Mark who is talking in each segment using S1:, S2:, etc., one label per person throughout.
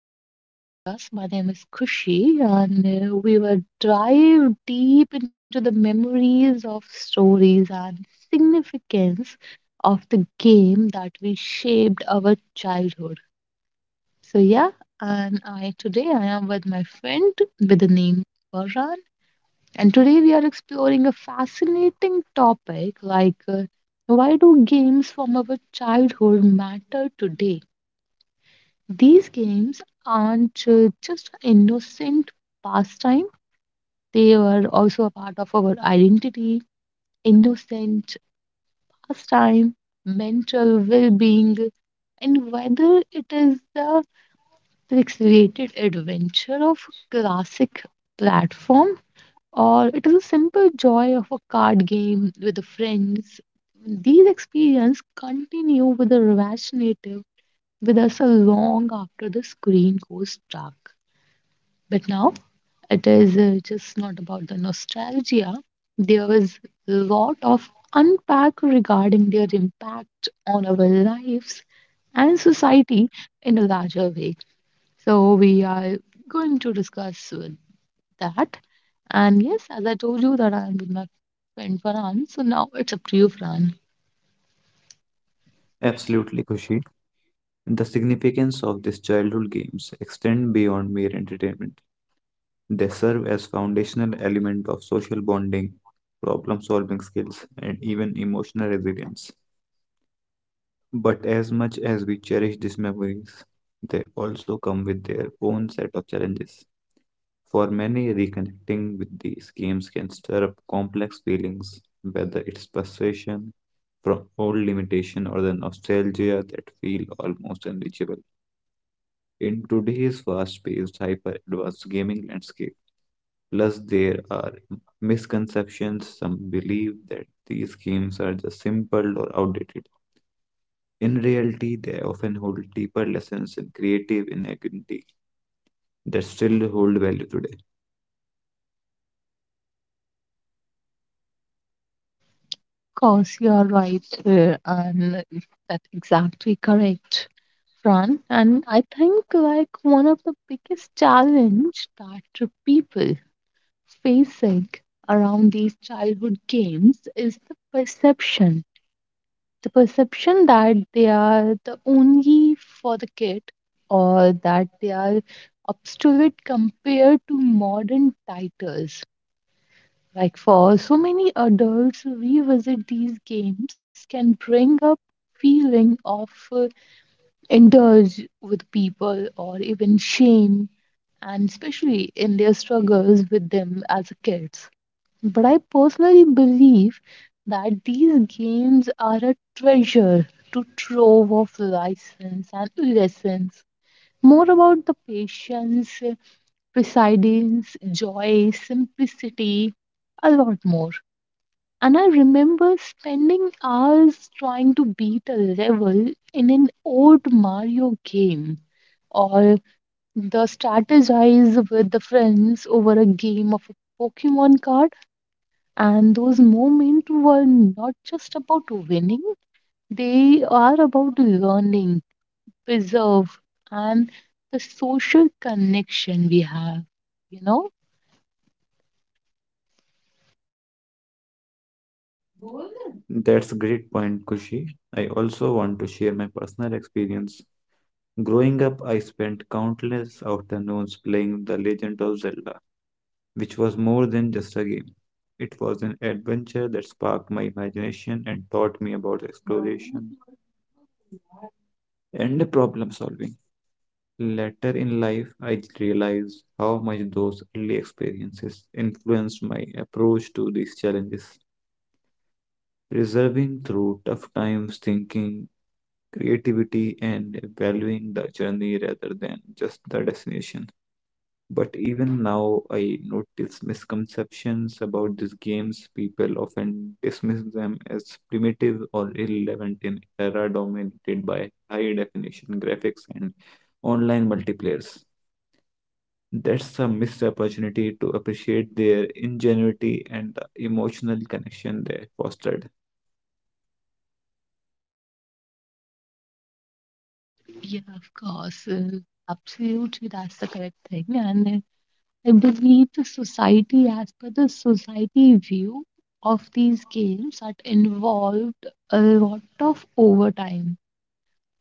S1: in our podcast. My name is Kushi, and we will dive deep into the memories of stories and significance of the game that we shaped our childhood. So, yeah, and I today I am with my friend with the name Varran, and today we are exploring a fascinating topic like why do games from our childhood matter today? These games aren't just innocent pastime, they were also a part of our identity, innocent pastime, mental well being, and whether it is the pixelated adventure of a classic platform or it is a simple joy of a card game with friends, these experiences continue with a native with us a long after the screen goes dark. But now it is just not about the nostalgia. There is a lot of unpack regarding their impact on our lives and society in a larger way. So we are going to discuss with that. And yes, as I told you that I'm with my friend Farhan. So now it's up to you, Farhan.
S2: Absolutely, Kushi. The significance of these childhood games extend beyond mere entertainment. They serve as foundational element of social bonding, problem-solving skills, and even emotional resilience. But as much as we cherish these memories, they also come with their own set of challenges. For many, reconnecting with these games can stir up complex feelings, whether it's frustration from old limitation or the nostalgia that feel almost unreachable. In today's fast-paced, hyper-advanced gaming landscape, plus there are misconceptions. Some believe that these games are just simple or outdated. In reality, they often hold deeper lessons and creative ingenuity that still hold value today.
S1: Course, you are right, and that's exactly correct, Fran. And I think like one of the biggest challenge that the people facing around these childhood games is the perception that they are the only for the kid, or that they are obsolete compared to modern titles. Like for so many adults, revisit these games can bring up feeling of indulge with people or even shame, and especially in their struggles with them as kids. But I personally believe that these games are a treasure to trove of license and lessons. More about the patience, perseverance, joy, simplicity, a lot more. And I remember spending hours trying to beat a level in an old Mario game or the strategize with the friends over a game of a Pokemon card. And those moments were not just about winning, they are about learning, preserve, and the social connection we have, you know?
S2: That's a great point, Kushi. I also want to share my personal experience. Growing up, I spent countless afternoons playing The Legend of Zelda, which was more than just a game. It was an adventure that sparked my imagination and taught me about exploration and problem solving. Later in life, I realized how much those early experiences influenced my approach to these challenges. Preserving through tough times, thinking, creativity, and valuing the journey rather than just the destination. But even now, I notice misconceptions about these games. People often dismiss them as primitive or irrelevant in era dominated by high definition graphics and online multiplayers. That's a missed opportunity to appreciate their ingenuity and the emotional connection they fostered.
S1: Yeah, of course. Absolutely, that's the correct thing. And I believe the society, as per the society view of these games, that involved a lot of overtime.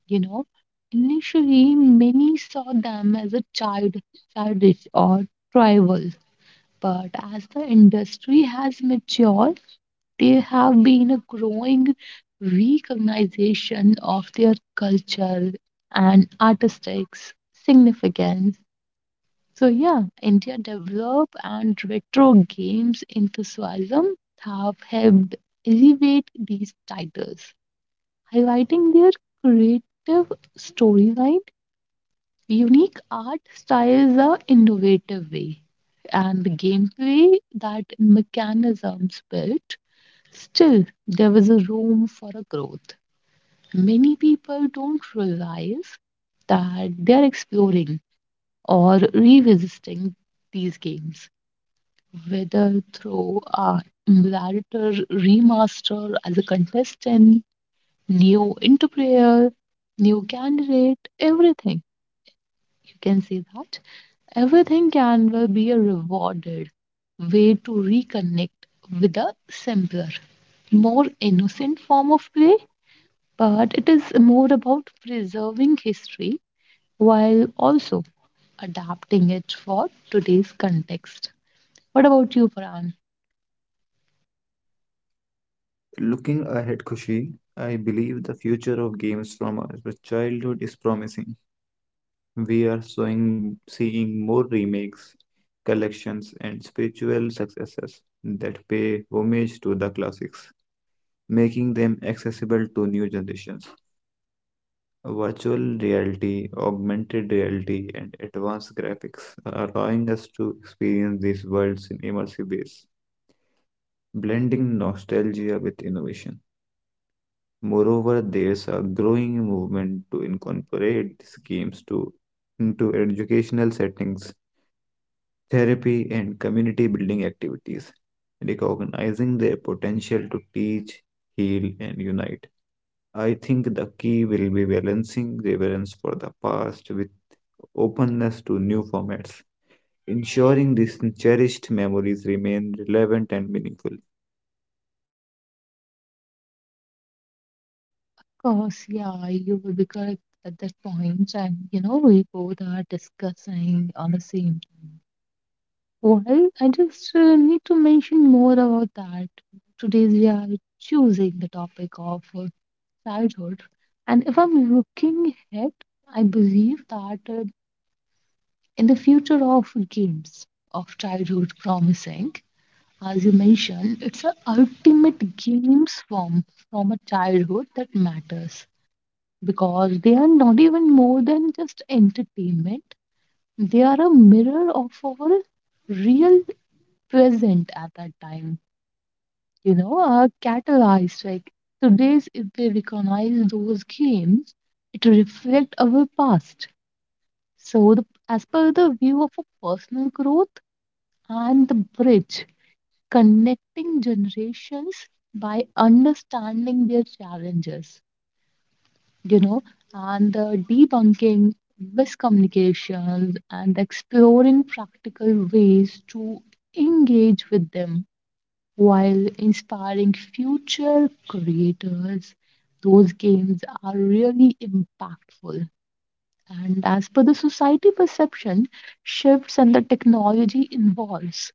S1: You know, initially many saw them as a childish or trivial, but as the industry has matured, there have been a growing recognition of their culture and artistic significance. So yeah, India develop and retro games enthusiasm have helped elevate these titles, highlighting their creative storyline, unique art styles, or innovative way, and the gameplay that mechanisms built. Still, there was a room for a growth. Many people don't realize that they are exploring or revisiting these games whether through a narrator remaster as a contestant, new interpreter, new candidate, everything. You can see that everything can well be a rewarded way to reconnect with a simpler, more innocent form of play, but it is more about preserving history while also adapting it for today's context. What about you, Farhan?
S2: Looking ahead, Kushi, I believe the future of games from our childhood is promising. We are seeing more remakes, collections, and spiritual successes that pay homage to the classics, making them accessible to new generations. Virtual reality, augmented reality, and advanced graphics are allowing us to experience these worlds in immersive ways, blending nostalgia with innovation. Moreover, there's a growing movement to incorporate these games to into educational settings, therapy, and community building activities, recognizing their potential to teach, heal, and unite. I think the key will be balancing reverence for the past with openness to new formats, ensuring these cherished memories remain relevant and meaningful.
S1: Course, yeah, you will be correct at that point, and you know we both are discussing on the same thing. Well, I just need to mention more about that. Today we are choosing the topic of childhood, and if I'm looking ahead, I believe that in the future of games of childhood promising, as you mentioned, it's a ultimate games form from a childhood that matters because they are not even more than just entertainment. They are a mirror of our real present at that time. You know, are catalyzed. Like today's, if we recognize those games, it reflects our past. So, the, as per the view of a personal growth and the bridge connecting generations by understanding their challenges you know, and the debunking miscommunications and exploring practical ways to engage with them while inspiring future creators. Those games are really impactful. And as per the society perception, shifts and the technology involves.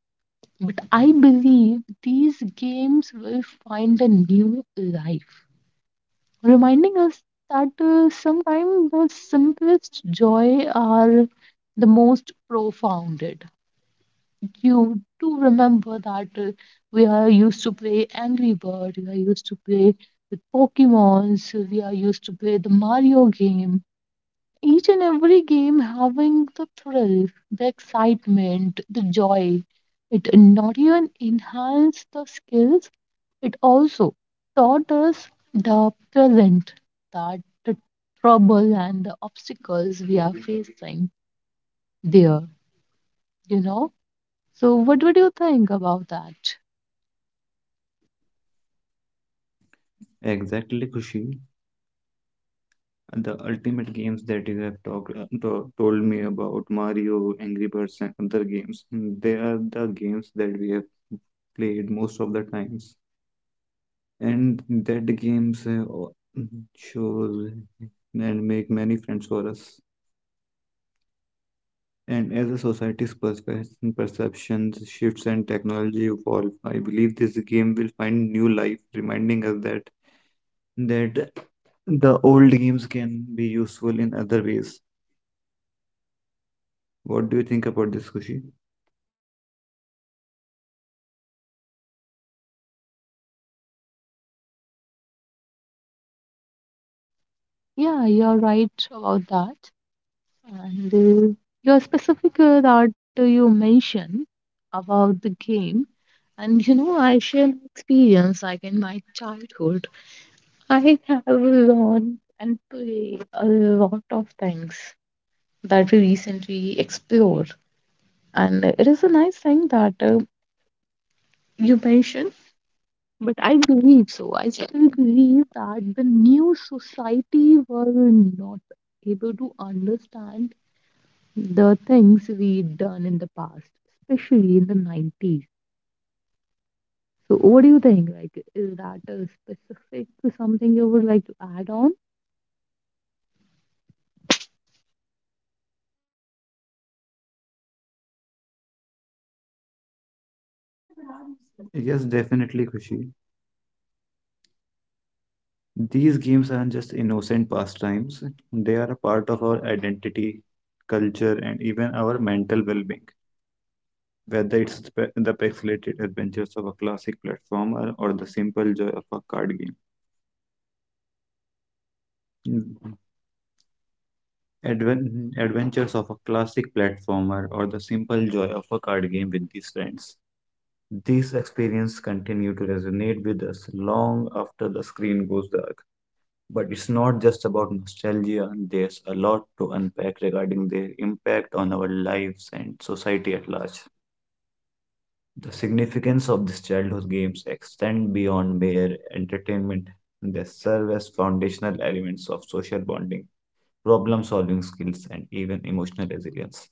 S1: But I believe these games will find a new life reminding us that sometimes the simplest joy are the most profounded. You do remember that we are used to play Angry Bird, we are used to play with Pokemons, we are used to play the Mario game. Each and every game having the thrill, the excitement, the joy. It not even enhance the skills, it also taught us the present, that the trouble and the obstacles we are facing there, you know. So, what would you think about that?
S2: Exactly, Kushi. The ultimate games that you have talked to, told me about Mario, Angry Birds, and other games. They are the games that we have played most of the times and that games shows and make many friends for us. And as a society's perceptions shifts and technology evolve, I believe this game will find new life, reminding us that the old games can be useful in other ways. What do you think about this, Kushi?
S1: Yeah, you're right about that. And your specific that you mentioned about the game, and you know, I share my experience like in my childhood. I have learned and played a lot of things that we recently explored. And it is a nice thing that you mentioned, but I believe so. I still believe that the new society were not able to understand the things we done in the past, especially in the 90s. So, what do you think? Like, is that a specific to something you would like to add on?
S2: Yes, definitely, Kushi. These games aren't just innocent pastimes; they are a part of our identity, culture, and even our mental well-being. Whether it's the pixelated adventures of a classic platformer or the simple joy of a card game. Mm. Adventures of a classic platformer or the simple joy of a card game with these friends. These experiences continue to resonate with us long after the screen goes dark. But it's not just about nostalgia, there's a lot to unpack regarding their impact on our lives and society at large. The significance of these childhood games extend beyond mere entertainment. They serve as foundational elements of social bonding, problem solving skills, and even emotional resilience.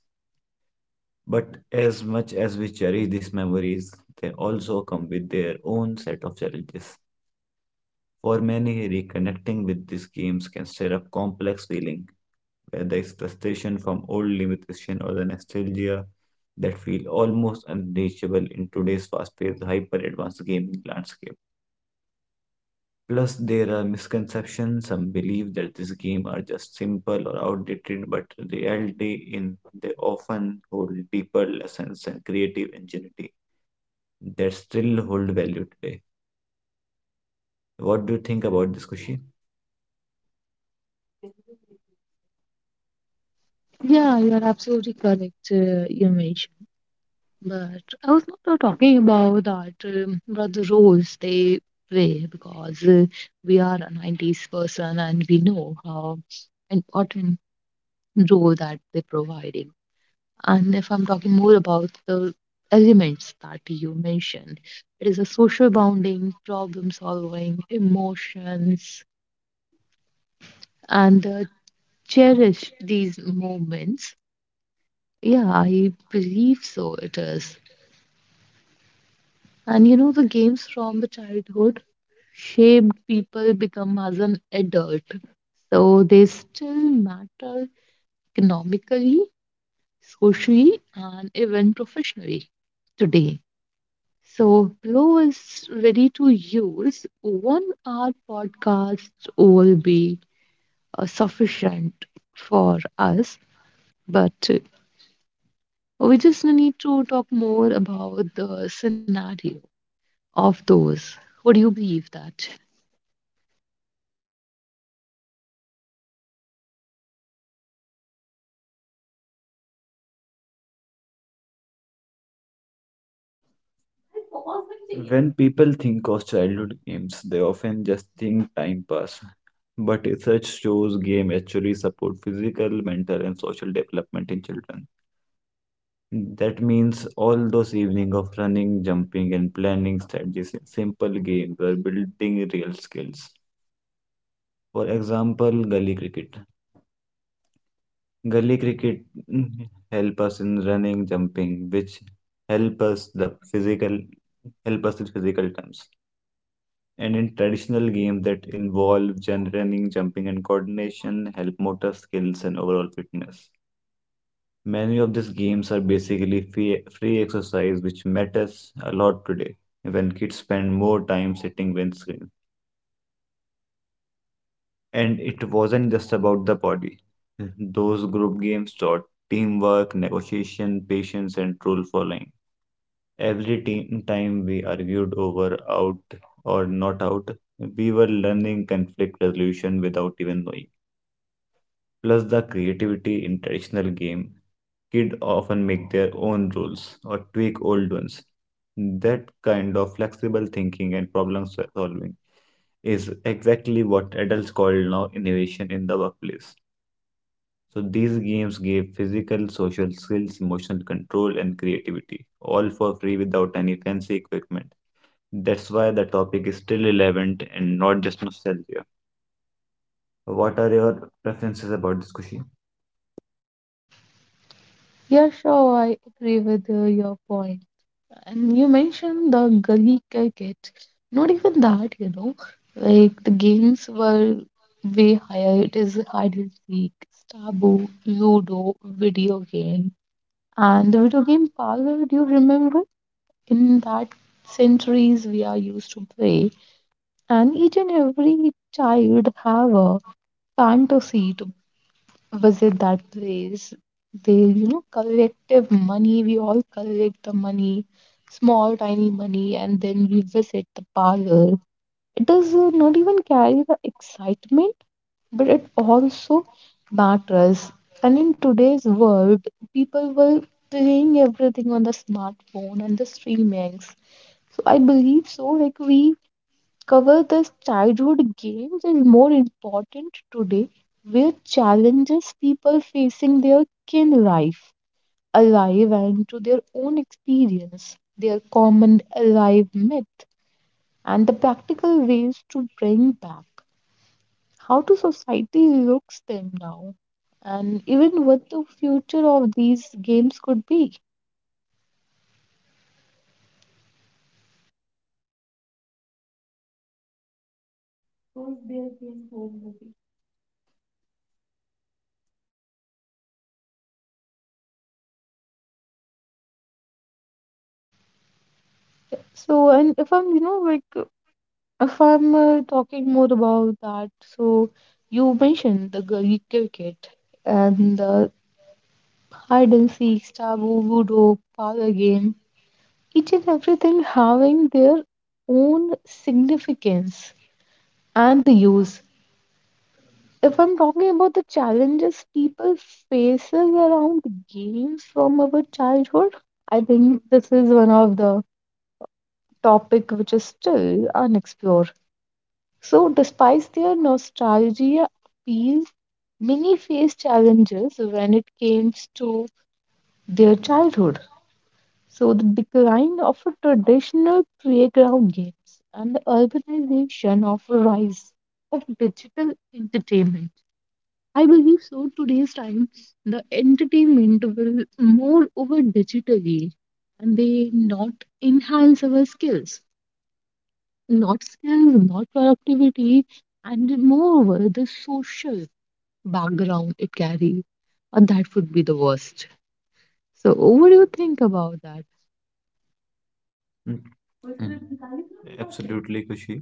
S2: But as much as we cherish these memories, they also come with their own set of challenges. For many, reconnecting with these games can stir up complex feelings where there is frustration from old limitation or the nostalgia that feel almost unreachable in today's fast-paced, hyper-advanced gaming landscape. Plus, there are misconceptions. Some believe that these games are just simple or outdated, but in reality, in they often hold deeper lessons and creative ingenuity that still hold value today. What do you think about this, Kushi?
S1: Yeah, you are absolutely correct, Yamesh. But I was not talking about that, but the roles they play because we are a 90s person and we know how important role that they're providing. And if I'm talking more about the elements that you mentioned, it is a social bonding, problem solving, emotions, and cherish these moments. Yeah, I believe so it is. And you know, the games from the childhood shaped people become as an adult. So they still matter economically, socially, and even professionally today. So Glow is ready to use. 1 hour podcast will be sufficient for us, but we just need to talk more about the scenario of those. Would you believe that?
S2: When people think of childhood games, they often just think time pass. But research shows game actually support physical, mental, and social development in children. That means all those evenings of running, jumping, and planning strategies in simple games were building real skills. For example, gully cricket. Gully cricket, mm, help us in running, jumping, which help us the physical help us in physical terms. And in traditional games that involve jump running, jumping, and coordination, help motor skills and overall fitness. Many of these games are basically free exercise, which matters a lot today when kids spend more time sitting than screen. And it wasn't just about the body. Those group games taught teamwork, negotiation, patience, and rule following. Every time we argued over out or not out, we were learning conflict resolution without even knowing. Plus, the creativity in traditional game, kids often make their own rules or tweak old ones. That kind of flexible thinking and problem solving is exactly what adults call now innovation in the workplace. So these games gave physical social skills, emotional control, and creativity, all for free without any fancy equipment. That's why the topic is still relevant and not just nostalgia. What are your preferences about this question?
S1: Yeah, sure, I agree with your point. And you mentioned the gully cricket. Not even that, you know, like the games were way higher. It is hide and seek, Stabo, Ludo, video game. And the video game parlor, do you remember? In that centuries we are used to play. And each and every child have a fantasy to visit that place. They, you know, collective money. We all collect the money, small, tiny money, and then we visit the parlor. It does not even carry the excitement, but it also matters. And in today's world, people were playing everything on the smartphone and the streamings. So I believe so. Like we cover this childhood games is more important today where challenges people facing their kin life alive and to their own experience their common alive myth and the practical ways to bring back how to society looks them now and even what the future of these games could be. So and if I'm you know like If I'm talking more about that, so you mentioned the gully cricket and the hide and seek, taboo, ludo, power game, each and everything having their own significance and the use. If I'm talking about the challenges people faces around games from our childhood, I think this is one of the topic which is still unexplored. So, despite their nostalgia appeal, many face challenges when it comes to their childhood. So, the decline of a traditional playground games and the urbanization of a rise of digital entertainment. I believe so. Today's time, the entertainment will more over digitally and they enhance our skills not skills, not productivity, and moreover, the social background it carries. And that would be the worst. So, what do you think about that?
S2: Mm, mm. Absolutely, Kushi.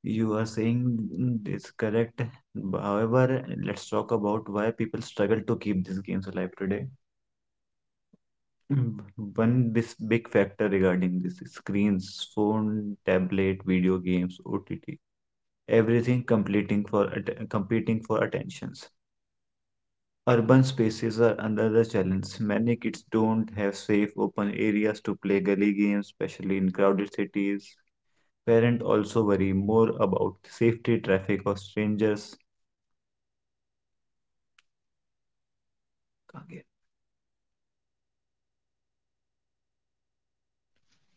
S2: You are saying this correct. However, let's talk about why people struggle to keep these games alive today. Mm, One big factor regarding this is screens, phone, tablet, video games, OTT, everything competing for competing for attentions. Urban spaces are another challenge. Many kids don't have safe open areas to play gully games, especially in crowded cities. Parents also worry more about safety, traffic, or strangers.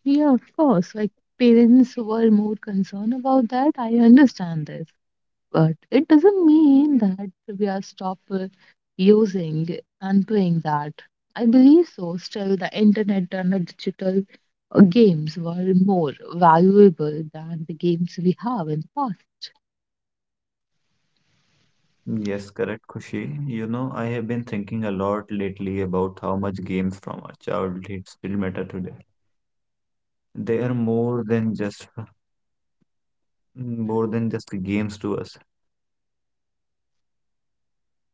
S1: Yeah, of course. Like, parents were more concerned about that. I understand this. But it doesn't mean that we are stop using and doing that. I believe so. Still, the internet and the digital games were more valuable than the games we have in the past.
S2: Yes, correct, Khushi. You know, I have been thinking a lot lately about how much games from our childhood still matter today. They are more than just games to us.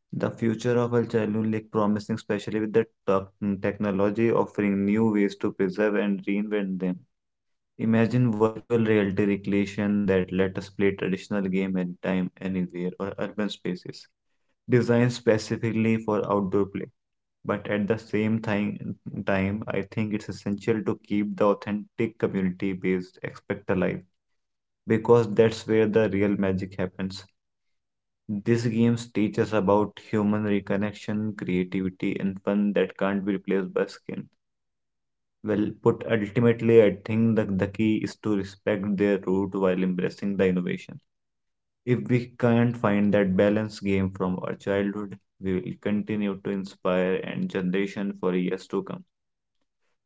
S2: The future of our childhood look promising, especially with the technology offering new ways to preserve and reinvent them. Imagine virtual reality recreation that let us play traditional game anytime, anywhere, or urban spaces designed specifically for outdoor play. But at the time, I think it's essential to keep the authentic community-based aspect alive because that's where the real magic happens. These games teach us about human reconnection, creativity, and fun that can't be replaced by skill. Well put, ultimately, I think that the key is to respect their root while embracing the innovation. If we can't find that balance, game from our childhood, we will continue to inspire and generation for years to come.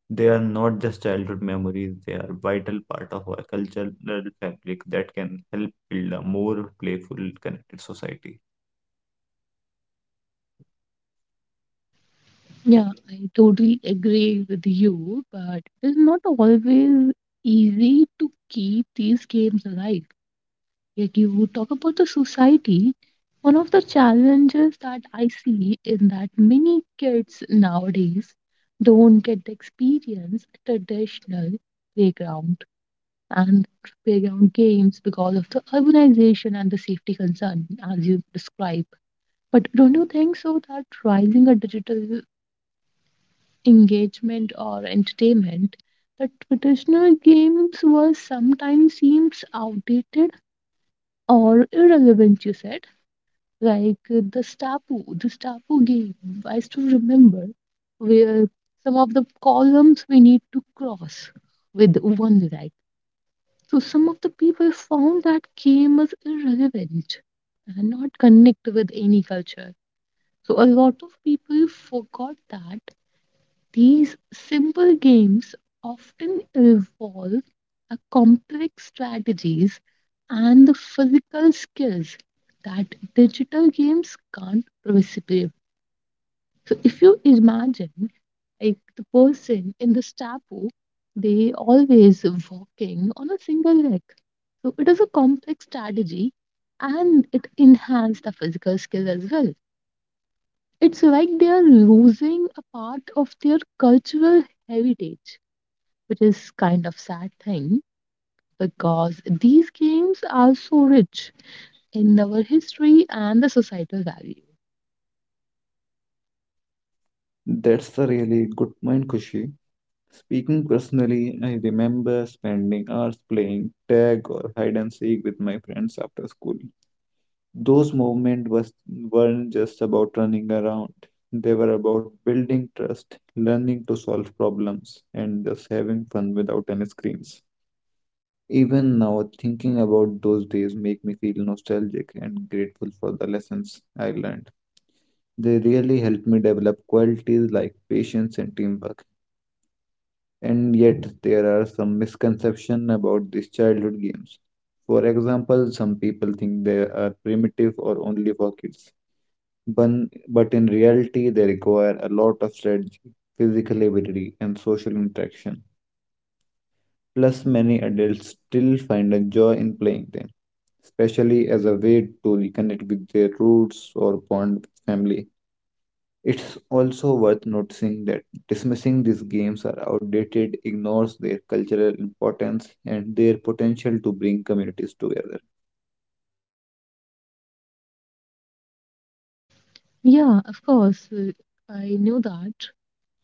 S2: They are not just childhood memories, they are vital part of our cultural fabric that can help build a more playful, connected society.
S1: Yeah, I totally agree with you, but it is not always easy to keep these games alive. Like you talk about the society, one of the challenges that I see in that many kids nowadays don't get the experience at traditional playground and playground games because of the urbanization and the safety concern, as you describe. But don't you think so that rising a digital engagement or entertainment, the traditional games were sometimes seems outdated or irrelevant, you said, like the Stapu game, I still remember, where some of the columns we need to cross with one right. So some of the people found that game as irrelevant and not connect with any culture. So a lot of people forgot that these simple games often involve a complex strategies and the physical skills that digital games can't reciprocate. So if you imagine like the person in the Stapu, they always walking on a single leg. So it is a complex strategy and it enhances the physical skill as well. It's like they are losing a part of their cultural heritage, which is kind of sad thing because these games are so rich in our history and the societal value.
S2: That's a really good point, Kushi. Speaking personally, I remember spending hours playing tag or hide and seek with my friends after school. Those moments was, weren't just about running around, they were about building trust, learning to solve problems, and just having fun without any screens. Even now, thinking about those days make me feel nostalgic and grateful for the lessons I learned. They really helped me develop qualities like patience and teamwork. And yet there are some misconceptions about these childhood games. For example, some people think they are primitive or only for kids, but in reality, they require a lot of strategy, physical ability, and social interaction. Plus, many adults still find a joy in playing them, especially as a way to reconnect with their roots or bond with family. It's also worth noticing that dismissing these games are outdated ignores their cultural importance and their potential to bring communities together.
S1: Yeah, of course, I knew that,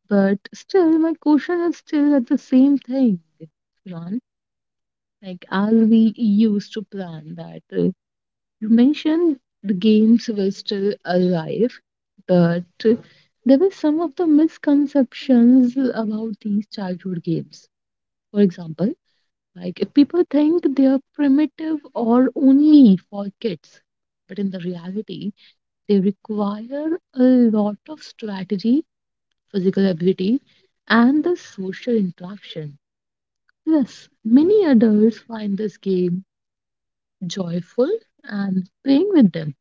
S1: but still, my question is still at the same thing, Ron. Like, as we used to plan that you mentioned the games were still alive, but there were some of the misconceptions about these childhood games. For example, like if people think they are primitive or only for kids, but in the reality, they require a lot of strategy, physical ability, and the social interaction. Yes, many adults find this game joyful and playing with them,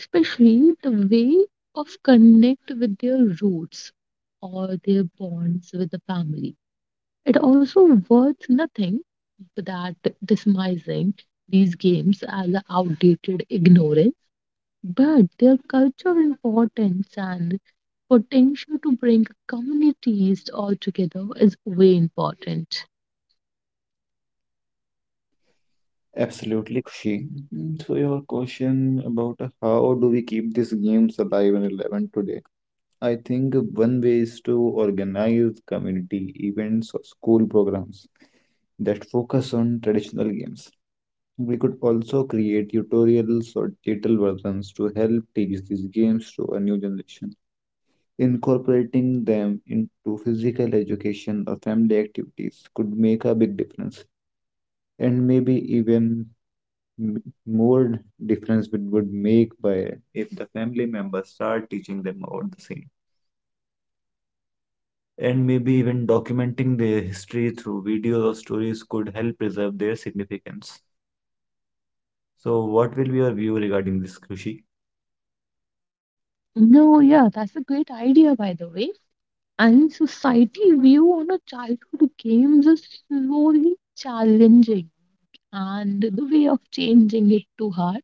S1: especially the way of connect with their roots or their bonds with the family. It also worth nothing that dismissing these games as outdated ignorance, but their cultural importance and potential to bring communities all together is way important.
S2: Absolutely, Kushi. So your question about how do we keep these games alive and relevant today? I think one way is to organize community events or school programs that focus on traditional games. We could also create tutorials or digital versions to help teach these games to a new generation. Incorporating them into physical education or family activities could make a big difference, and maybe even more difference it would make by if the family members start teaching them about the same. And maybe even documenting their history through videos or stories could help preserve their significance. So, what will be your view regarding this, Kushi?
S1: No, yeah, that's a great idea, by the way. And society view on a childhood games is slowly challenging, and the way of changing it too hard.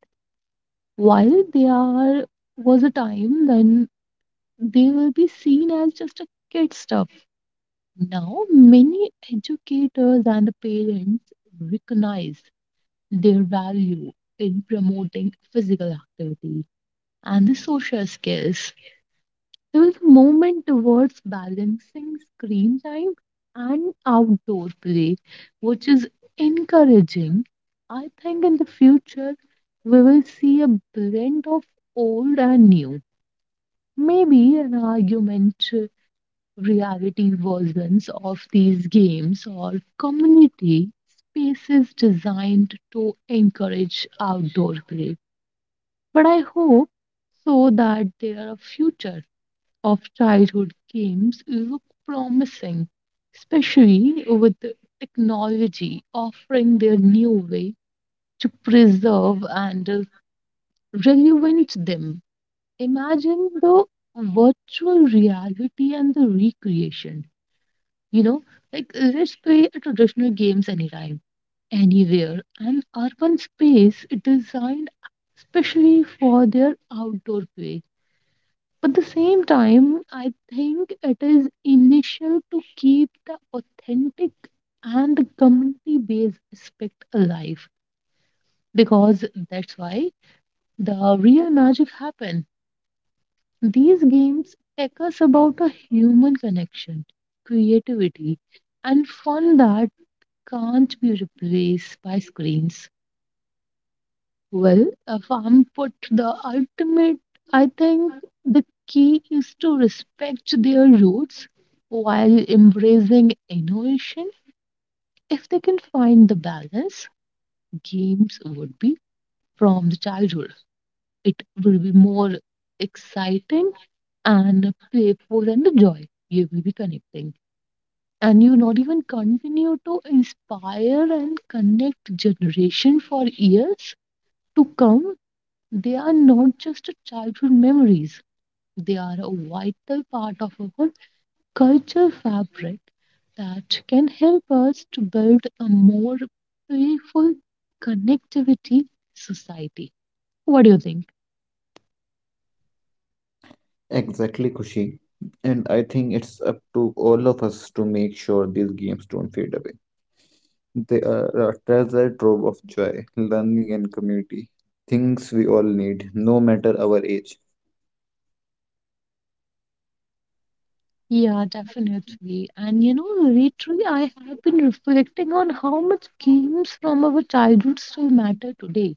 S1: While there was a time when they will be seen as just a kid stuff. Now, many educators and the parents recognize their value in promoting physical activity and the social skills. There was a movement towards balancing screen time and outdoor play, which is encouraging. I think in the future, we will see a blend of old and new. Maybe an argument reality versions of these games or community spaces designed to encourage outdoor play. But I hope so that their future of childhood games look promising, especially with the technology offering their new way to preserve and relevant them. Imagine the virtual reality and the recreation. You know, like let's play a traditional games anytime, anywhere, and urban space designed especially for their outdoor play. But the same time, I think it is initial to keep the authentic and the community based aspect alive because that's why the real magic happen. These games take us about a human connection, creativity, and fun that can't be replaced by screens. Well, if I'm put the ultimate, I think the key is to respect their roots while embracing innovation. If they can find the balance, games would be from the childhood. It will be more exciting and playful and the joy you will be connecting. And you not even continue to inspire and connect generation for years to come, they are not just childhood memories, they are a vital part of our cultural fabric that can help us to build a more playful connectivity society. What do you think?
S2: Exactly, Kushi. And I think it's up to all of us to make sure these games don't fade away. They are a treasure trove of joy, learning, and community. Things we all need, no matter our age.
S1: Yeah, definitely. And you know, lately I have been reflecting on how much games from our childhood still matter today.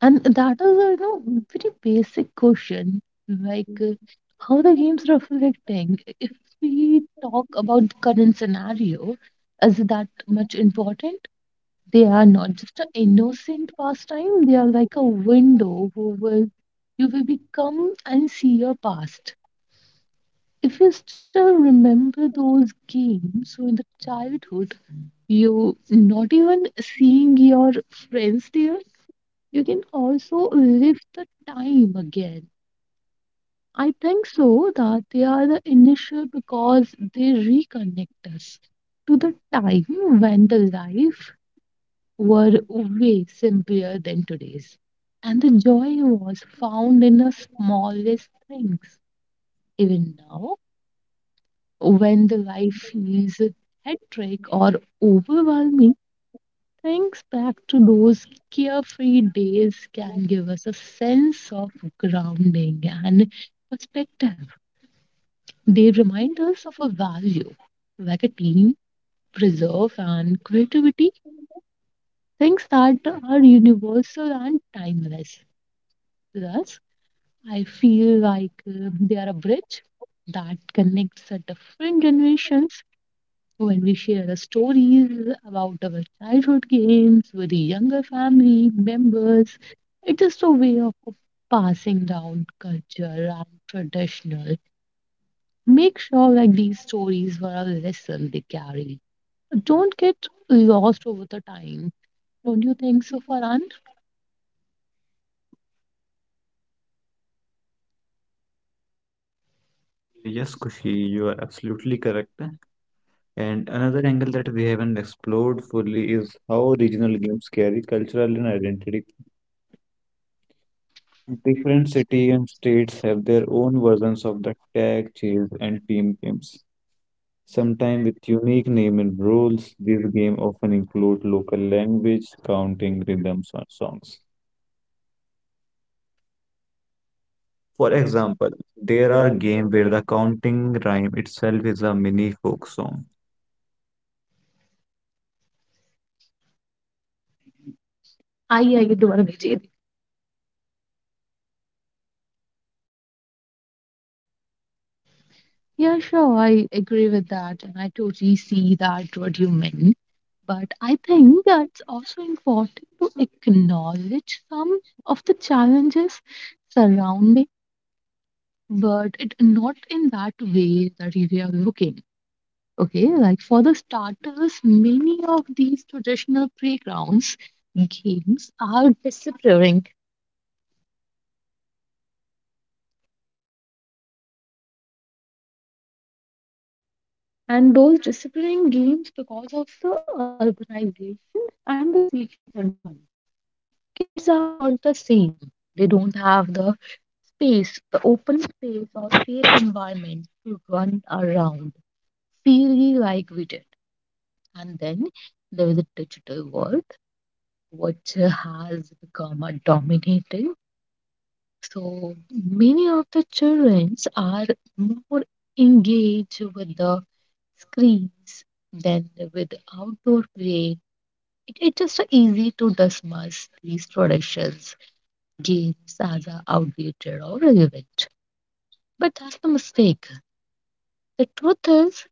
S1: And that is, a, you know, very basic question. Like, how the game's reflecting. If we talk about the current scenario, is that much important? They are not just an innocent pastime. They are like a window who will you will become and see your past. If you still remember those games so in the childhood, you not even seeing your friends there, you can also live the time again. I think so that they are the initial because they reconnect us to the time when the life were way simpler than today's. And the joy was found in the smallest things. Even now, when the life feels hectic or overwhelming, thinks back to those carefree days can give us a sense of grounding and perspective. They remind us of a value, like a team, preserve, and creativity, things that are universal and timeless. Thus, I feel like they are a bridge that connects the different generations when we share our stories about our childhood games with the younger family members. It is a way of passing down culture and traditional. Make sure that these stories were a lesson they carry. Don't get lost over the time. Don't you think so, Farhan?
S2: Yeah, yes, Kushi, you are absolutely correct. And another angle that we haven't explored fully is how regional games carry cultural and identity. Different cities and states have their own versions of the tag, chase, and team games. Sometimes with unique name and rules, these games often include local language, counting, rhythms, or songs. For example, there are games where the counting rhyme itself is a mini folk song.
S1: I agree to what Vijay. Yeah, sure. I agree with that, and I totally see that what you meant. But I think that's also important to acknowledge some of the challenges surrounding, but it not in that way that if you are looking. Okay, like for the starters, many of these traditional playgrounds games are disappearing, and those disappearing games because of the urbanization and the safety concerns. The kids are not the same. They don't have the space, the open space or safe environment to run around freely like we did. And then there is a digital world which has become a dominating. So many of the children are more engaged with the screens than with outdoor play. It's just easy to dismiss these traditions, games as a outdated or irrelevant. But that's the mistake. The truth is,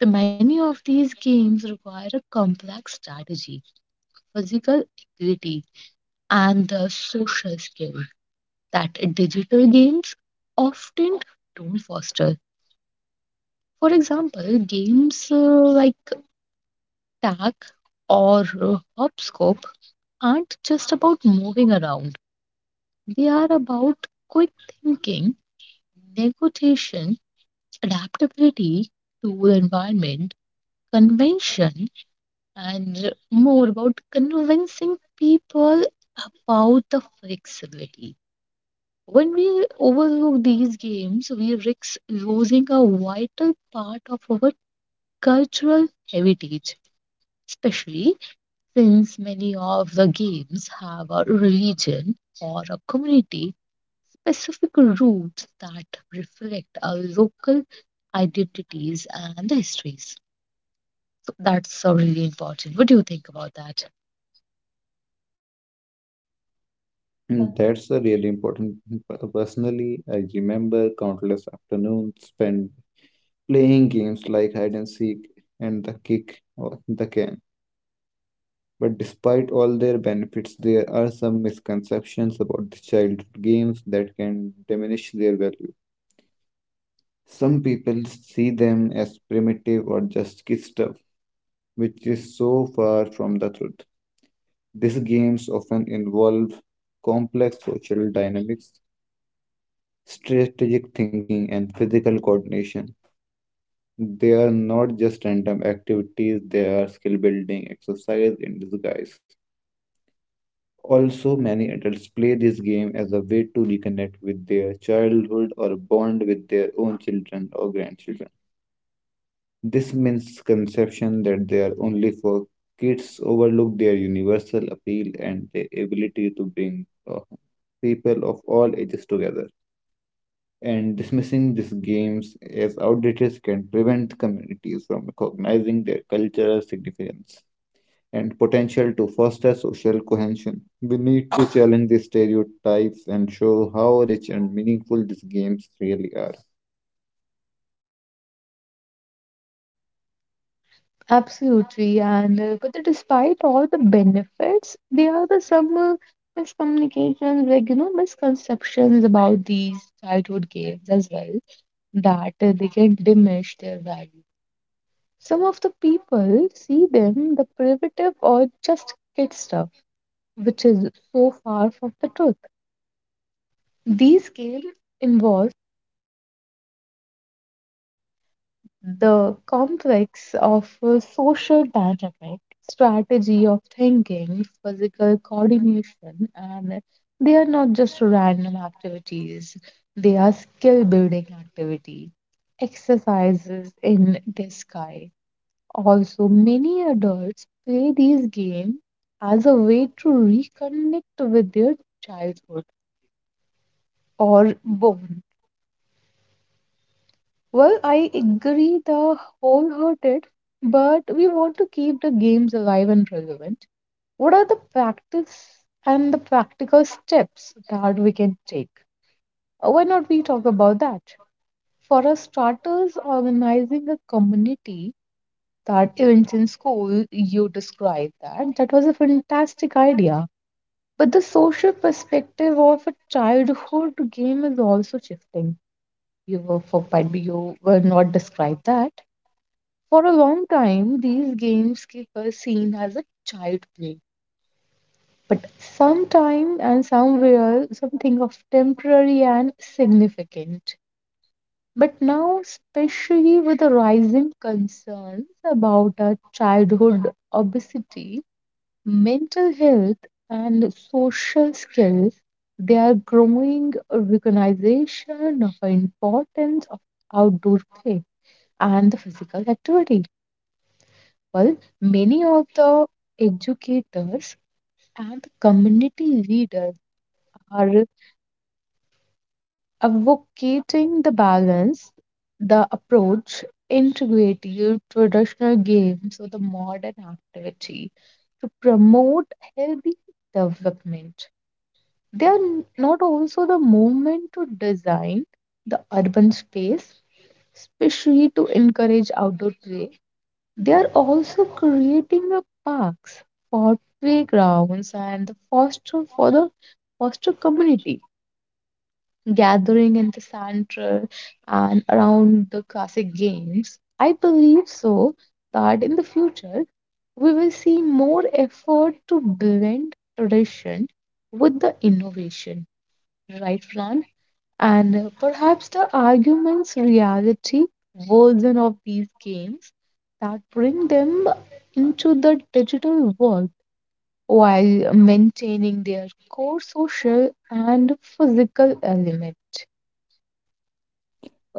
S1: the many of these games require a complex strategy, physical agility, and the social skill that digital games often don't foster. For example, games like tag or hopscotch aren't just about moving around. They are about quick thinking, negotiation, adaptability to environment, convention, and more about convincing people about the flexibility. When we overlook these games, we risk losing a vital part of our cultural heritage, especially since many of the games have a religion or a community specific roots that reflect our local identities and histories. So that's really important. What do you think about that?
S2: That's a really important. Personally, I remember countless afternoons spent playing games like hide and seek and the kick or the can. But despite all their benefits, there are some misconceptions about the childhood games that can diminish their value. Some people see them as primitive or just kid stuff, which is so far from the truth. These games often involve complex social dynamics, strategic thinking, and physical coordination. They are not just random activities, they are skill building exercise in disguise. Also, many adults play this game as a way to reconnect with their childhood or bond with their own children or grandchildren. This misconception that they are only for kids overlook their universal appeal and their ability to bring uh, people of all ages together. And dismissing these games as outdated can prevent communities from recognizing their cultural significance and potential to foster social cohesion. We need to challenge these stereotypes and show how rich and meaningful these games really are.
S1: Absolutely, and but despite all the benefits, there are the some miscommunications, like you know, misconceptions about these childhood games as well, that they can diminish their value. Some of the people see them the primitive or just kid stuff, which is so far from the truth. These games involve the complex of a social dynamic, strategy of thinking, physical coordination, and they are not just random activities, they are skill building activity, exercises in disguise. Also, many adults play these games as a way to reconnect with their childhood or bond. Well, I agree the wholehearted, but we want to keep the games alive and relevant. What are the practice and the practical steps that we can take? Why not we talk about that? For our starters, organizing a community that events in school, you described that. That was a fantastic idea. But the social perspective of a childhood game is also shifting. You were for, might be you were not described that. For a long time, these games keep us seen as a child play. But sometime and somewhere, something of temporary and significant. But now, especially with the rising concerns about our childhood obesity, mental health, and social skills, they are growing recognition of the importance of outdoor play and the physical activity. Well, many of the educators and community leaders are advocating the balance, the approach, integrating traditional games with the modern activity to promote healthy development. They are not also the movement to design the urban space, especially to encourage outdoor play. They are also creating a parks for playgrounds and the foster for the foster community gathering in the center and around the classic games. I believe so that in the future we will see more effort to blend tradition with the innovation, right, Fran? And perhaps the arguments reality version of these games that bring them into the digital world while maintaining their core social and physical element.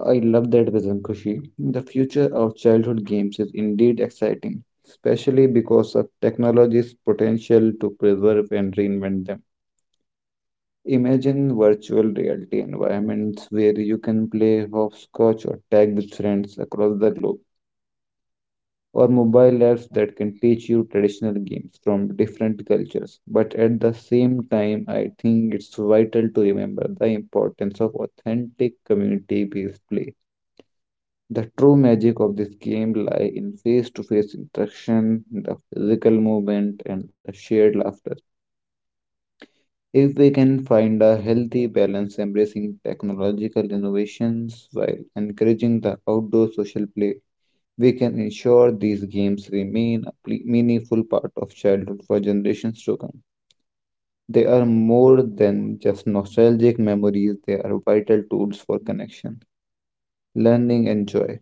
S2: I love that vision, Kushi. The future of childhood games is indeed exciting, especially because of technology's potential to preserve and reinvent them. Imagine virtual reality environments where you can play hopscotch or tag with friends across the globe, or mobile apps that can teach you traditional games from different cultures. But at the same time, I think it's vital to remember the importance of authentic community based play. The true magic of this game lie in face-to-face interaction, the physical movement, and the shared laughter. If we can find a healthy balance embracing technological innovations while encouraging the outdoor social play, we can ensure these games remain a meaningful part of childhood for generations to come. They are more than just nostalgic memories, they are vital tools for connection, learning, and joy.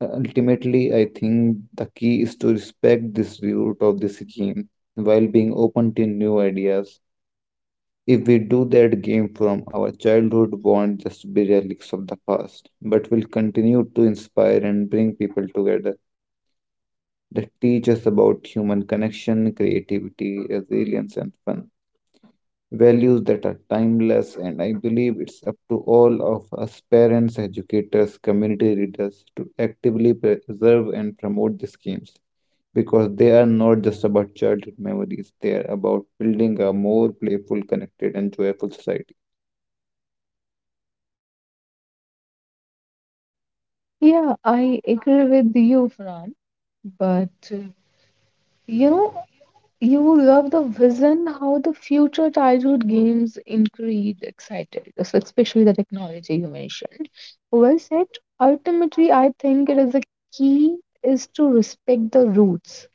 S2: Ultimately, I think the key is to respect this root of the scheme while being open to new ideas. If we do that game from our childhood won't just be relics of the past, but will continue to inspire and bring people together that teach us about human connection, creativity, resilience, and fun. Values that are timeless, and I believe it's up to all of us parents, educators, community leaders to actively preserve and promote these games because they are not just about childhood memories, they are about building a more playful, connected, and joyful society.
S1: Yeah, I agree with you, Fran. But you know, you love the vision how the future childhood games increase excited, especially the technology you mentioned. Well said. Ultimately, I think it is the key is to respect the roots.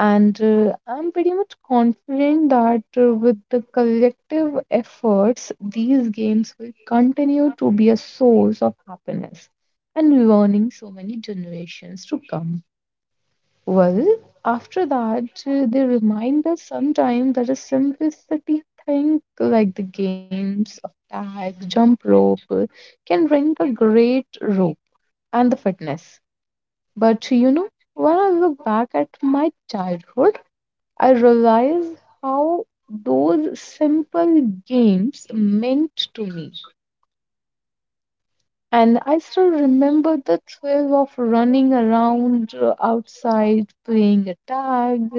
S1: And I'm pretty much confident that with the collective efforts, these games will continue to be a source of happiness and learning so many generations to come. Well, after that, they remind us sometimes that a simplicity thing like the games of tag, jump rope can bring a great rope and the fitness. But you know, when I look back at my childhood, I realize how those simple games meant to me. And I still remember the thrill of running around outside, playing a tag,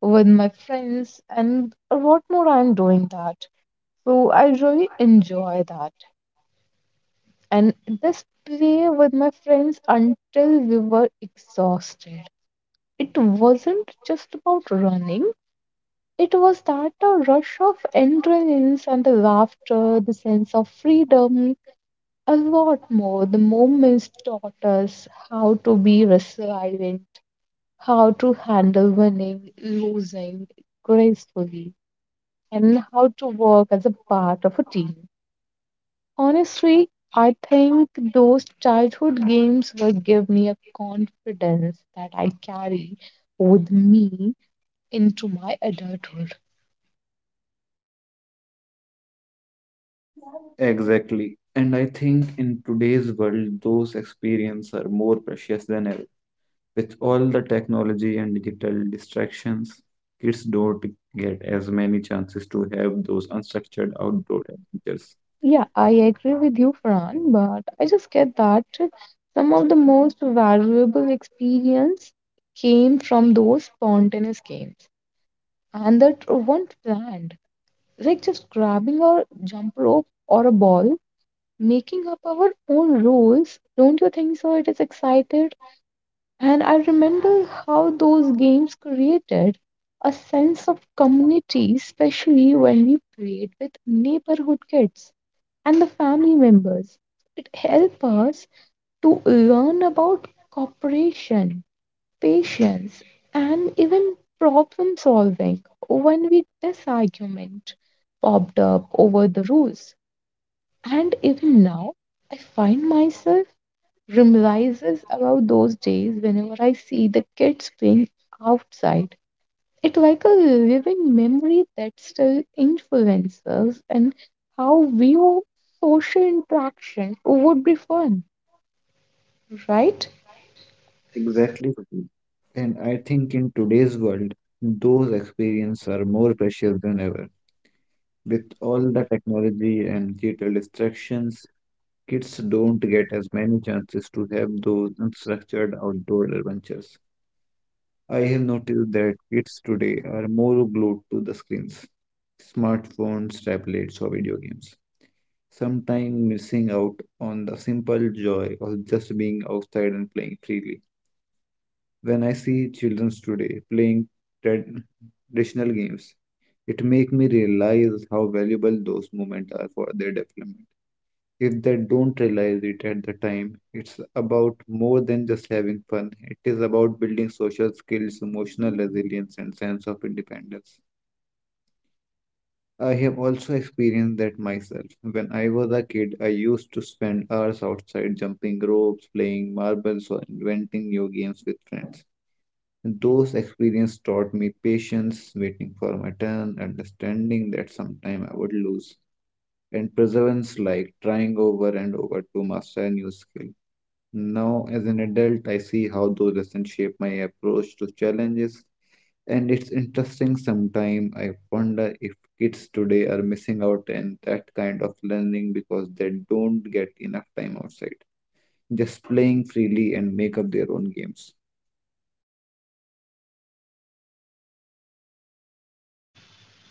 S1: with my friends and a lot more I'm doing that, so I really enjoy that, and this play with my friends until we were exhausted. It wasn't just about running, it was that a rush of adrenaline and the laughter, the sense of freedom, a lot more the moments taught us how to be resilient, how to handle winning losing gracefully, and how to work as a part of a team. Honestly, I think those childhood games will give me a confidence that I carry with me into my adulthood.
S2: Exactly. And I think in today's world, those experiences are more precious than ever. With all the technology and digital distractions, kids don't get as many chances to have those unstructured outdoor adventures.
S1: Yeah, I agree with you, Fran, but I just get that some of the most valuable experience came from those spontaneous games and that weren't planned, like just grabbing a jump rope or a ball making up our own rules. Don't you think so? It is excited. And I remember how those games created a sense of community, especially when we played with neighborhood kids and the family members. It helped us to learn about cooperation, patience, and even problem solving when we disagreement popped up over the rules. And even now, I find myself reminisces about those days whenever I see the kids playing outside. It's like a living memory that still influences us and how view social interaction would be fun, right?
S2: Exactly. Prateek. And I think in today's world, those experiences are more precious than ever. With all the technology and digital distractions, kids don't get as many chances to have those unstructured outdoor adventures. I have noticed that kids today are more glued to the screens, smartphones, tablets, or video games, sometimes missing out on the simple joy of just being outside and playing freely. When I see children today playing trad- traditional games, it makes me realize how valuable those moments are for their development, if they don't realize it at the time. It's about more than just having fun, it is about building social skills, emotional resilience, and sense of independence. I have also experienced that myself. When I was a kid, I used to spend hours outside jumping ropes, playing marbles, or inventing new games with friends. Those experiences taught me patience, waiting for my turn, understanding that sometime I would lose, and perseverance like trying over and over to master a new skill. Now, as an adult, I see how those lessons shape my approach to challenges, and it's interesting. Sometimes I wonder if kids today are missing out on that kind of learning because they don't get enough time outside, just playing freely and make up their own games.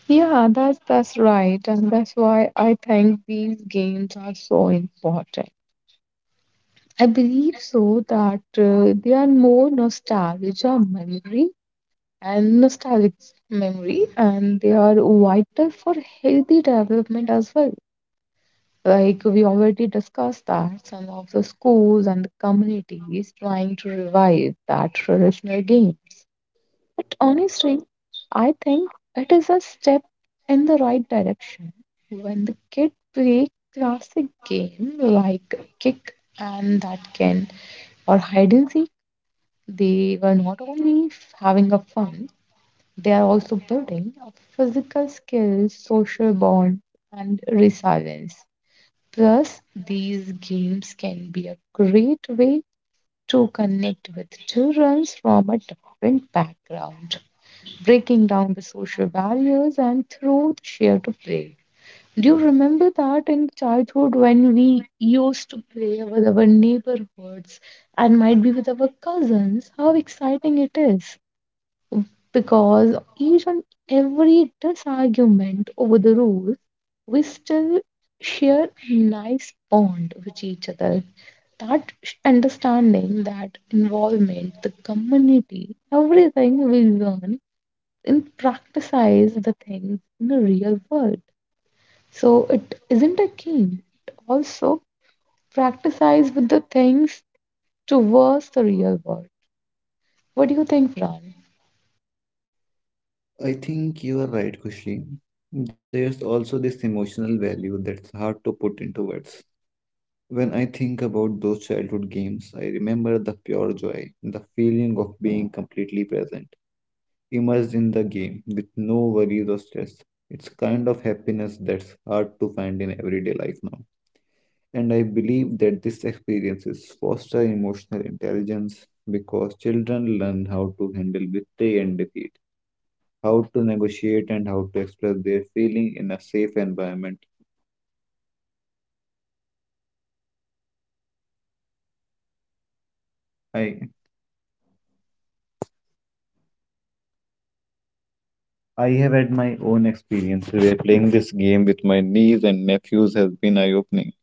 S1: Yeah, that's right, and that's why I think these games are so important. I believe so that they are more nostalgia memory and nostalgic memory, and they are vital for healthy development as well. Like we already discussed that some of the schools and the communities trying to revive that traditional games. But honestly, I think it is a step in the right direction when the kid play classic game like kick and that can or hide and seek. They were not only having a fun, they are also building a physical skills, social bond, and resilience. Plus, these games can be a great way to connect with children from a different background, breaking down the social barriers and through the share to play. Do you remember that in childhood when we used to play with our neighborhoods and might be with our cousins? How exciting it is! Because each and every disargument over the rules, we still share a nice bond with each other. Understanding, that involvement, the community, everything we learn and practice the things in the real world. So it isn't a game. It also practices with the things towards the real world. What do you think, Ran?
S2: I think you are right, Kushi. There's also this emotional value that's hard to put into words. When I think about those childhood games, I remember the pure joy, the feeling of being completely present immersed in the game with no worries or stress. It's kind of happiness that's hard to find in everyday life now. And I believe that these experiences foster emotional intelligence because children learn how to handle victory and defeat, how to negotiate and how to express their feeling in a safe environment. I I have had my own experience where playing this game with my niece and nephews has been eye-opening.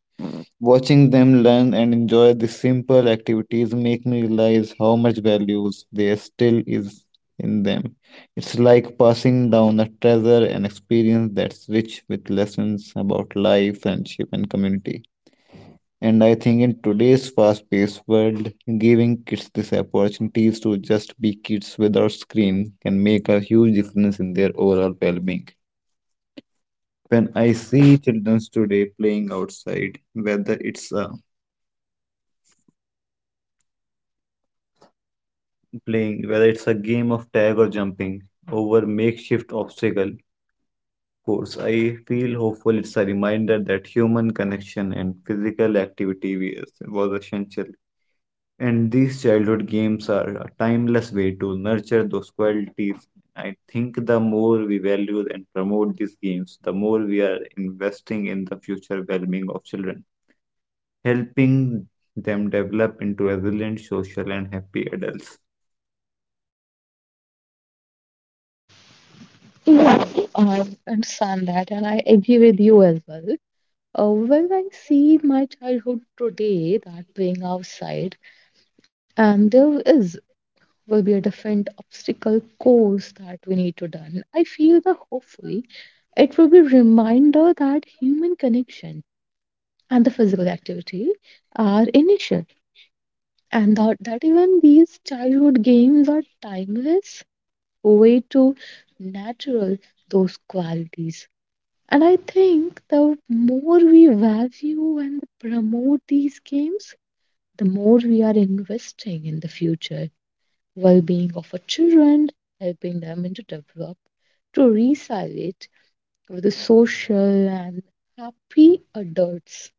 S2: Watching them learn and enjoy these simple activities make me realize how much values there still is in them. It's like passing down a treasure, an experience that's rich with lessons about life, friendship, and community. And I think in today's fast paced world, giving kids these opportunities to just be kids without screen can make a huge difference in their overall well being. When I see children today playing outside, whether it's a game of tag or jumping over makeshift obstacle course. I feel hopeful it's a reminder that human connection and physical activity was essential. And these childhood games are a timeless way to nurture those qualities. I think the more we value and promote these games, the more we are investing in the future well being of children, helping them develop into resilient, social, and happy adults.
S1: Yeah, I understand that, and I agree with you as well. When I see my childhood today, that playing outside, and there is will be a different obstacle course that we need to done. I feel that hopefully it will be reminder that human connection and the physical activity are initial, and that even these childhood games are timeless way to natural those qualities. And I think the more we value and promote these games, the more we are investing in the future well being of our children, helping them to develop, to resiliate with the social and happy adults.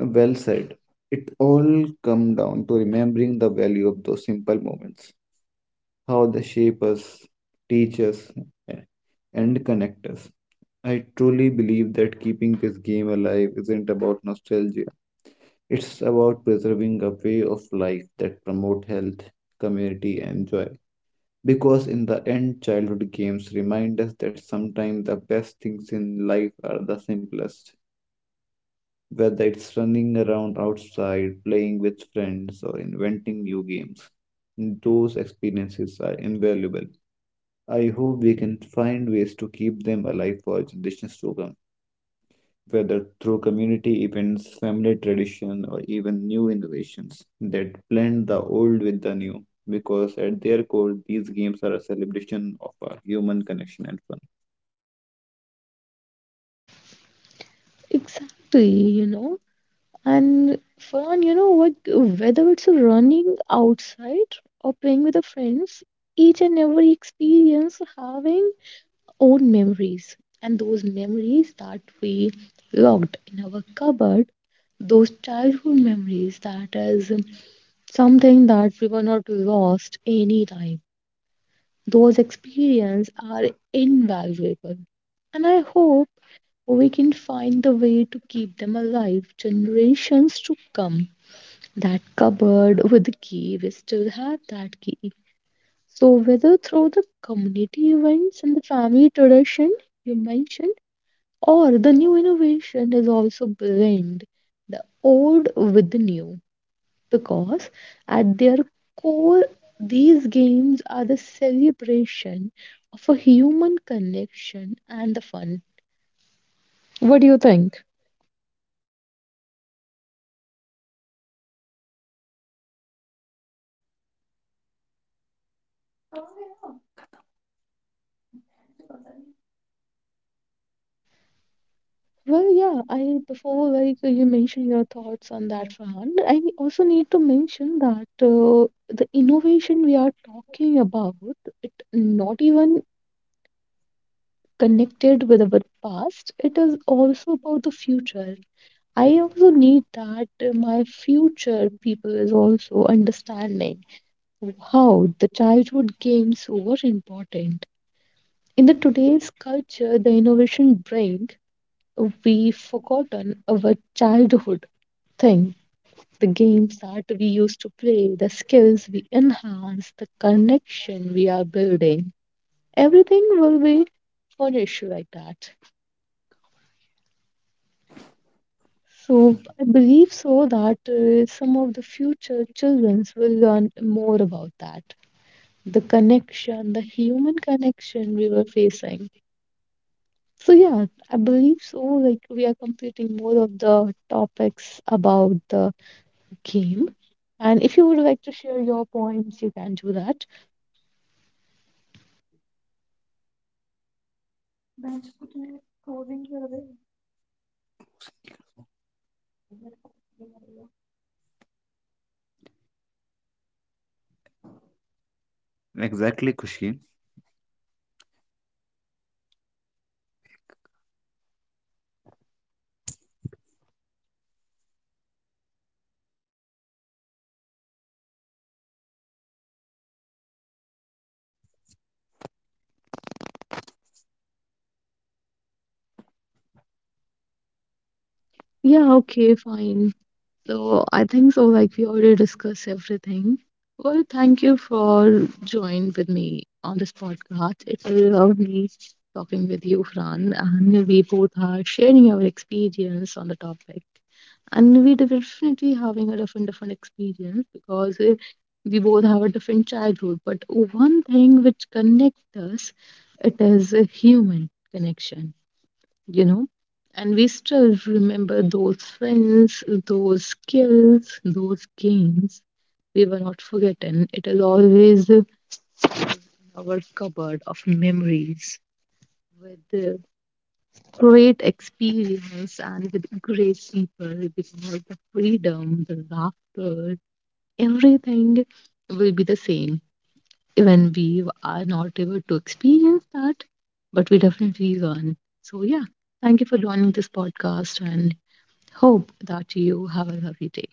S2: Well said. It all come down to remembering the value of those simple moments, how they shape us, teach us, eh, and connect us. I truly believe that keeping this game alive isn't about nostalgia. It's about preserving a way of life that promote health, community, and joy. Because in the end, childhood games remind us that sometimes the best things in life are the simplest, whether it's running around outside, playing with friends, or inventing new games. Those experiences are invaluable. I hope we can find ways to keep them alive for generations to come, whether through community events, family tradition, or even new innovations that blend the old with the new. Because at their core, these games are a celebration of our human connection and fun.
S1: Exactly, you know. And Farhan, you know what? Whether it's running outside or playing with the friends, each and every experience having own memories and those memories that we locked in our cupboard, those childhood memories that is something that we were not lost any time. Those experiences are invaluable, and I hope we can find the way to keep them alive generations to come. That cupboard with the key, we still have that key. So whether through the community events and the family tradition you mentioned, or the new innovation is also blend the old with the new, because at their core these games are the celebration of a human connection and the fun. What do you think? Well, yeah, I before like you mentioned your thoughts on that, Farhan. I also need to mention that the innovation we are talking about, it not even connected with our past. It is also about the future. I also need that my future people is also understanding how the childhood games were important. In the today's culture, the innovation bring, we forgotten our childhood thing. The games that we used to play, the skills we enhance, the connection we are building. Everything will be furnished like that. So I believe so that some of the future childrens will learn more about that. The connection, the human connection we were facing. So yeah, I believe so. Like we are completing more of the topics about the game. And if you would like to share your points, you can do that.
S2: Exactly, Kushi.
S1: Yeah, okay, fine. So I think so, like we already discussed everything. Well, thank you for joining with me on this podcast. It's lovely talking with you, Fran, and we both are sharing our experience on the topic. And we definitely having a different experience because we both have a different childhood. But one thing which connects us, it is a human connection, you know. And we still remember those friends, those skills, those games. We were not forgotten. It is always in our cupboard of memories with the great experience and with great people because the freedom, the laughter, everything will be the same. Even we are not able to experience that, but we definitely learn. So, yeah, thank you for joining this podcast and hope that you have a lovely day.